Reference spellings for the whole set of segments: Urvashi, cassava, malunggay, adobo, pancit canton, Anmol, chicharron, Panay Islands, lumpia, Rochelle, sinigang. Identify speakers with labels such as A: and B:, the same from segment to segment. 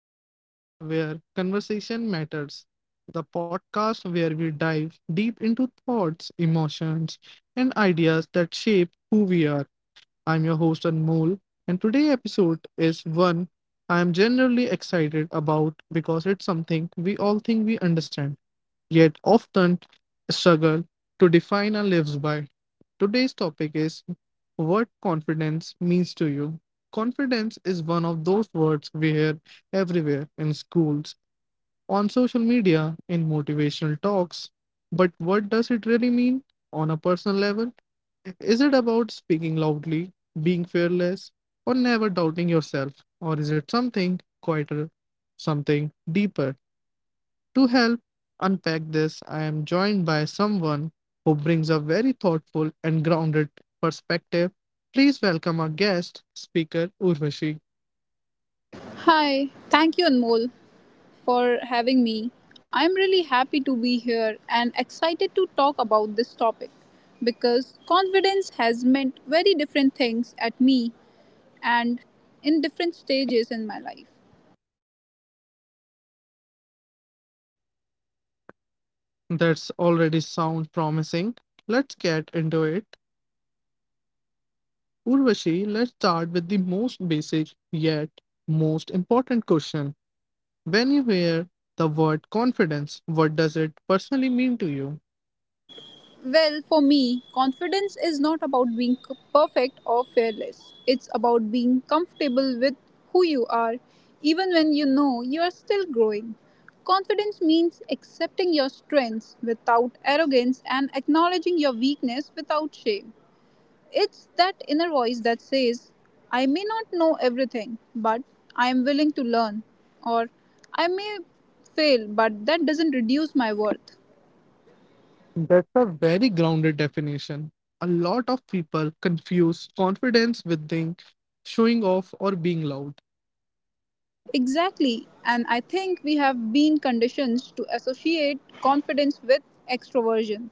A: to the podcast where conversation matters. The podcast where we dive deep into thoughts, emotions, and ideas that shape who we are. I'm your host, Anmol, and today's episode is one I am generally excited about because it's something we all think we understand, yet often struggle to define our lives by. Today's topic is what confidence means to you. Confidence is one of those words we hear everywhere in schools, on social media, in motivational talks. But what does it really mean on a personal level? Is it about speaking loudly, being fearless, or never doubting yourself? Or is it something quieter, something deeper? To help unpack this, I am joined by someone who brings a very thoughtful and grounded perspective. Please welcome our guest speaker, Urvashi.
B: Hi, thank you, Anmol, for having me. I'm really happy to be here and excited to talk about this topic because confidence has meant very different things at me and in different stages in my life.
A: That's already sound promising. Let's get into it. Urvashi, let's start with the most basic yet most important question. When you hear the word confidence, what does it personally mean to you?
B: Well, for me, confidence is not about being perfect or fearless. It's about being comfortable with who you are, even when you know you are still growing. Confidence means accepting your strengths without arrogance and acknowledging your weakness without shame. It's that inner voice that says, I may not know everything, but I am willing to learn, or I may fail, but that doesn't reduce my worth.
A: That's a very grounded definition. A lot of people confuse confidence with being showing off or being loud.
B: Exactly. And I think we have been conditioned to associate confidence with extroversion.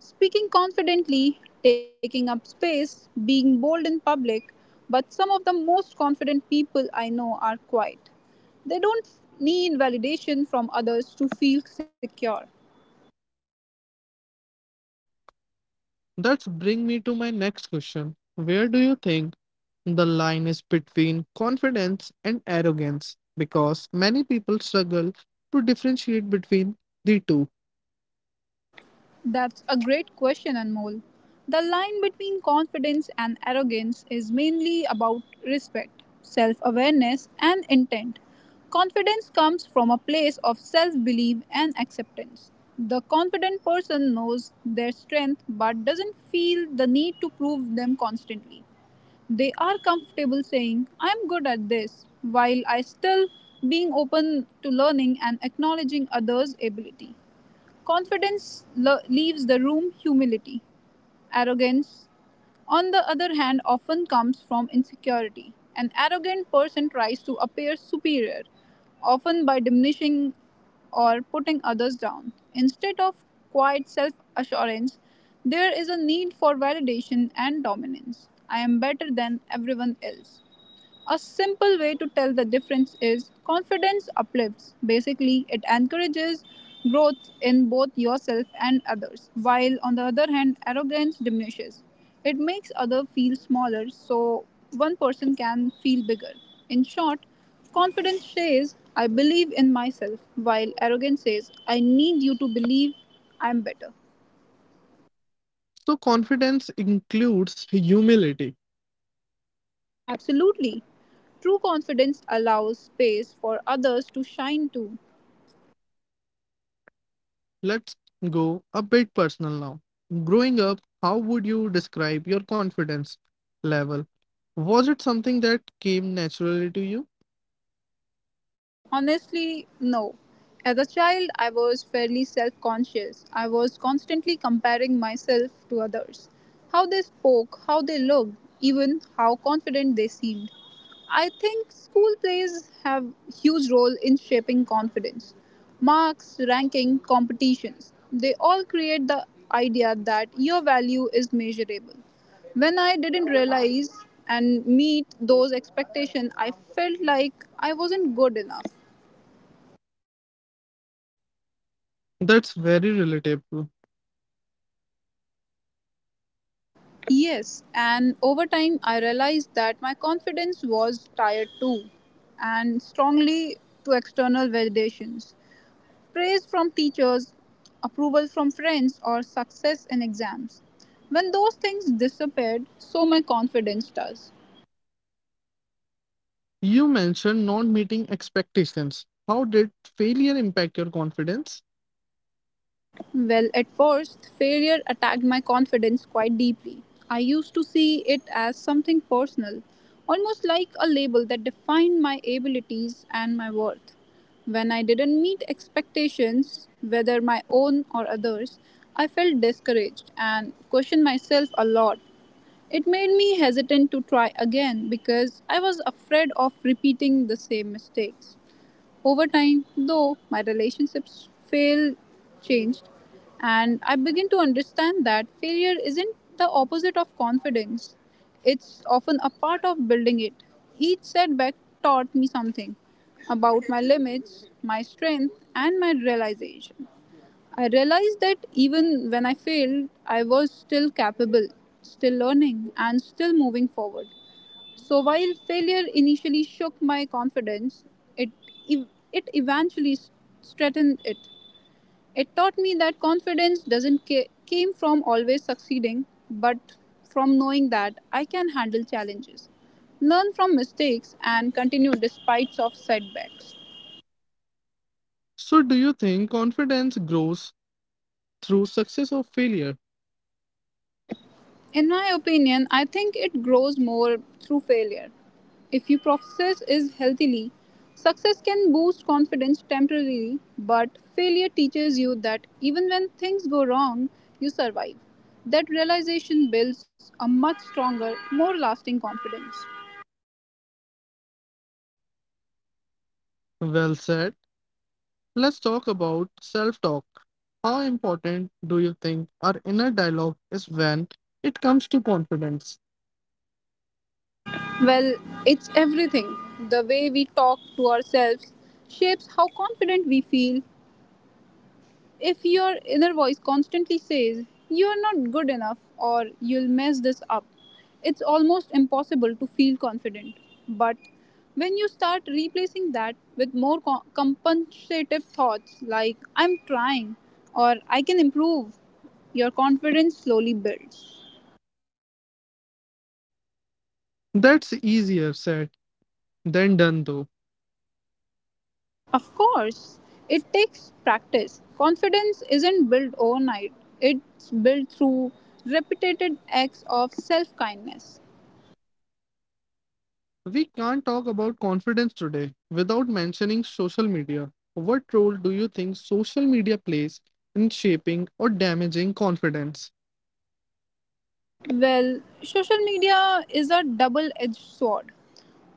B: Speaking confidently, taking up space, being bold in public, but some of the most confident people I know are quiet. They don't need validation from others to feel secure.
A: That's bring me to my next question. Where do you think the line is between confidence and arrogance? Because many people struggle to differentiate between the two.
B: That's a great question, Anmol. The line between confidence and arrogance is mainly about respect, self awareness, and intent. Confidence comes from a place of self belief and acceptance. The confident person knows their strength but doesn't feel the need to prove them constantly. They are comfortable saying, I'm good at this, while I still being open to learning and acknowledging others' ability. Confidence leaves the room, humility. Arrogance, on the other hand, often comes from insecurity. An arrogant person tries to appear superior, often by diminishing or putting others down. Instead of quiet self assurance, there is a need for validation and dominance. I am better than everyone else. A simple way to tell the difference is confidence uplifts. Basically, it encourages growth in both yourself and others, while on the other hand, arrogance diminishes. It makes others feel smaller so one person can feel bigger. In short, confidence says, I believe in myself, while arrogance says, I need you to believe I'm better.
A: So confidence includes humility.
B: Absolutely. True confidence allows space for others to shine too.
A: Let's go a bit personal now. Growing up, how would you describe your confidence level? Was it something that came naturally to you?
B: Honestly, no. As a child, I was fairly self conscious. I was constantly comparing myself to others. How they spoke, how they looked, even how confident they seemed. I think school plays have huge role in shaping confidence. Marks, ranking, competitions, they all create the idea that your value is measurable. When I didn't realize and meet those expectations, I felt like I wasn't good enough.
A: That's very relatable.
B: Yes, and over time I realized that my confidence was tired too, and strongly to external validations. Praise from teachers, approval from friends, or success in exams. When those things disappeared, so my confidence does.
A: You mentioned not meeting expectations. How did failure impact your confidence?
B: Well, at first, failure attacked my confidence quite deeply. I used to see it as something personal, almost like a label that defined my abilities and my worth. When I didn't meet expectations, whether my own or others, I felt discouraged and questioned myself a lot. It made me hesitant to try again because I was afraid of repeating the same mistakes. Over time, though, my relationships fail changed, and I begin to understand that failure isn't the opposite of confidence. It's often a part of building it. Each setback taught me something about my limits, my strength, and my realization. I realized that even when I failed, I was still capable, still learning, and still moving forward. So while failure initially shook my confidence, it eventually strengthened it. It taught me that confidence doesn't came from always succeeding, but from knowing that I can handle challenges, learn from mistakes, and continue despite of setbacks.
A: So, do you think confidence grows through success or failure?
B: In my opinion, I think it grows more through failure. If your process is healthily, success can boost confidence temporarily, but failure teaches you that even when things go wrong, you survive. That realization builds a much stronger, more lasting confidence.
A: Well said. Let's talk about self talk. How important do you think our inner dialogue is when it comes to confidence?
B: Well, it's everything. The way we talk to ourselves shapes how confident we feel. If your inner voice constantly says, You're not good enough or you'll mess this up, it's almost impossible to feel confident. But when you start replacing that with more compensative thoughts like, I'm trying or I can improve, your confidence slowly builds.
A: That's easier said than done, though.
B: Of course, it takes practice. Confidence isn't built overnight, it's built through repeated acts of self kindness.
A: We can't talk about confidence today without mentioning social media. What role do you think social media plays in shaping or damaging confidence?
B: Well, social media is a double edged sword.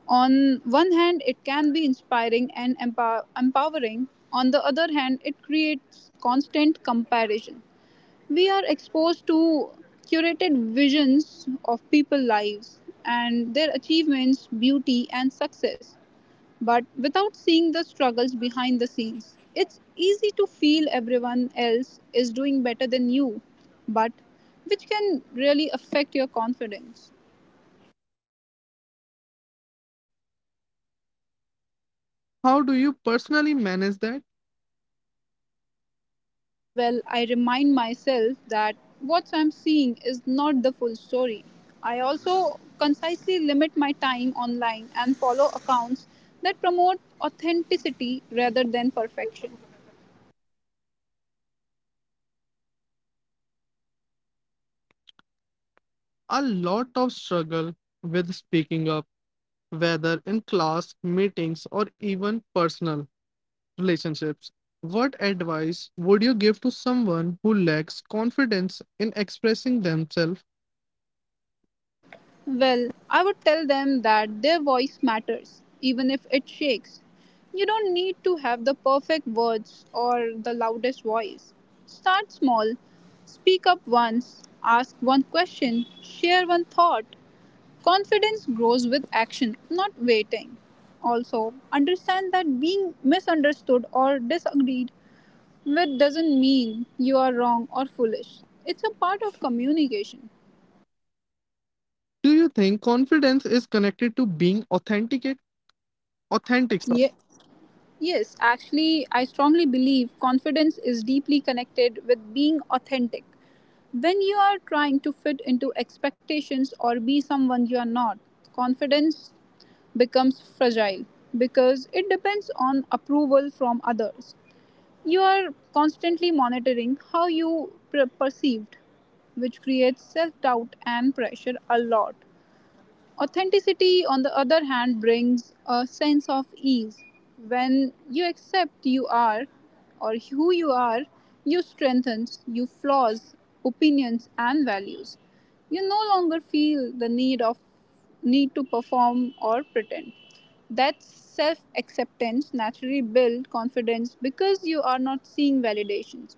B: On one hand, it can be inspiring and empowering. On the other hand, it creates constant comparison. We are exposed to curated visions of people's lives and their achievements, beauty, and success. But without seeing the struggles behind the scenes, it's easy to feel everyone else is doing better than you, but which can really affect your confidence.
A: How do you personally manage that?
B: Well, I remind myself that what I'm seeing is not the full story. I also concisely limit my time online and follow accounts that promote authenticity rather than perfection.
A: A lot of struggle with speaking up, whether in class, meetings, or even personal relationships. What advice would you give to someone who lacks confidence in expressing themselves?
B: Well, I would tell them that their voice matters, even if it shakes. You don't need to have the perfect words or the loudest voice. Start small, speak up once, ask one question, share one thought. Confidence grows with action, not waiting. Also, understand that being misunderstood or disagreed with doesn't mean you are wrong or foolish. It's a part of communication.
A: Do you think confidence is connected to being authentic? Authentic, sorry.
B: Yeah. Yes, actually, I strongly believe confidence is deeply connected with being authentic. When you are trying to fit into expectations or be someone you are not, confidence becomes fragile because it depends on approval from others. You are constantly monitoring how you perceived, which creates self doubt and pressure a lot. Authenticity, on the other hand, brings a sense of ease. When you accept you are or who you are, you strengthen your flaws, opinions, and values. You no longer feel the need to perform or pretend. That self acceptance naturally builds confidence because you are not seeking validations.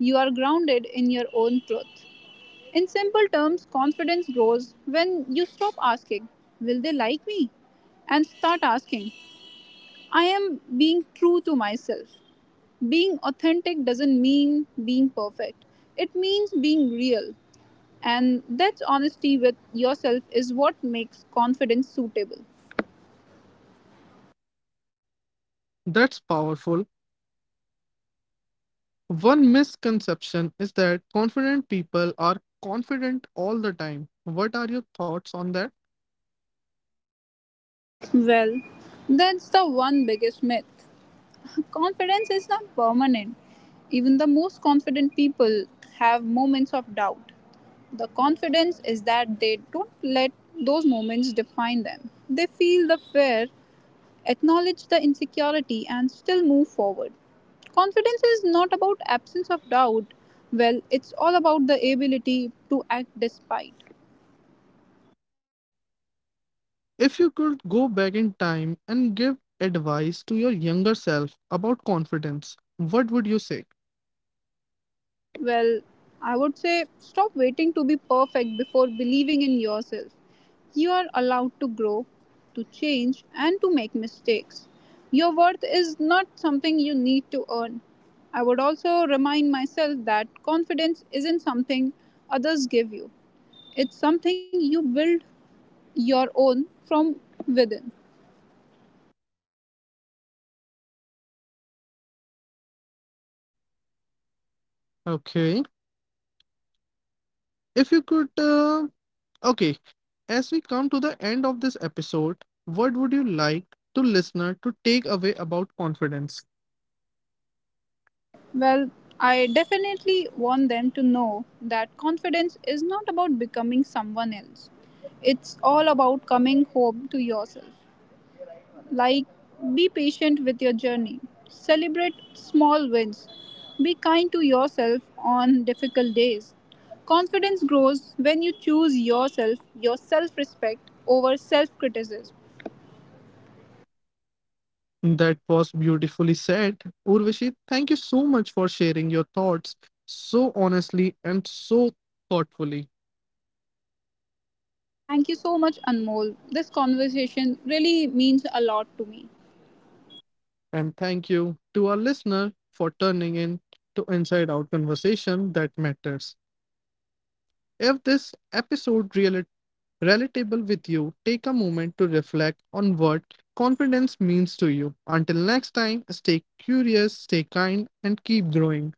B: You are grounded in your own truth. In simple terms, confidence grows when you stop asking, Will they like me? And start asking, I am being true to myself. Being authentic doesn't mean being perfect, it means being real. And that's honesty with yourself is what makes confidence suitable.
A: That's powerful. One misconception is that confident people are confident all the time. What are your thoughts on that?
B: Well, that's the one biggest myth. Confidence is not permanent. Even the most confident people have moments of doubt. The confidence is that they don't let those moments define them. They feel the fear, acknowledge the insecurity, and still move forward. Confidence is not about absence of doubt. Well, it's all about the ability to act despite.
A: If you could go back in time and give advice to your younger self about confidence, what would you say?
B: Well, I would say stop waiting to be perfect before believing in yourself. You are allowed to grow, to change, and to make mistakes. Your worth is not something you need to earn. I would also remind myself that confidence isn't something others give you, it's something you build your own from within.
A: Okay. If you could, okay, as we come to the end of this episode, what would you like to listener to take away about confidence?
B: Well, I definitely want them to know that confidence is not about becoming someone else. It's all about coming home to yourself. Like, be patient with your journey, celebrate small wins, be kind to yourself on difficult days. Confidence grows when you choose yourself, your self respect over self criticism.
A: That was beautifully said. Urvashi, thank you so much for sharing your thoughts so honestly and so thoughtfully.
B: Thank you so much, Anmol. This conversation really means a lot to me.
A: And thank you to our listener for turning in to Inside Out Conversation That Matters. If this episode really relatable with you, take a moment to reflect on what confidence means to you. Until next time, stay curious, stay kind, and keep growing.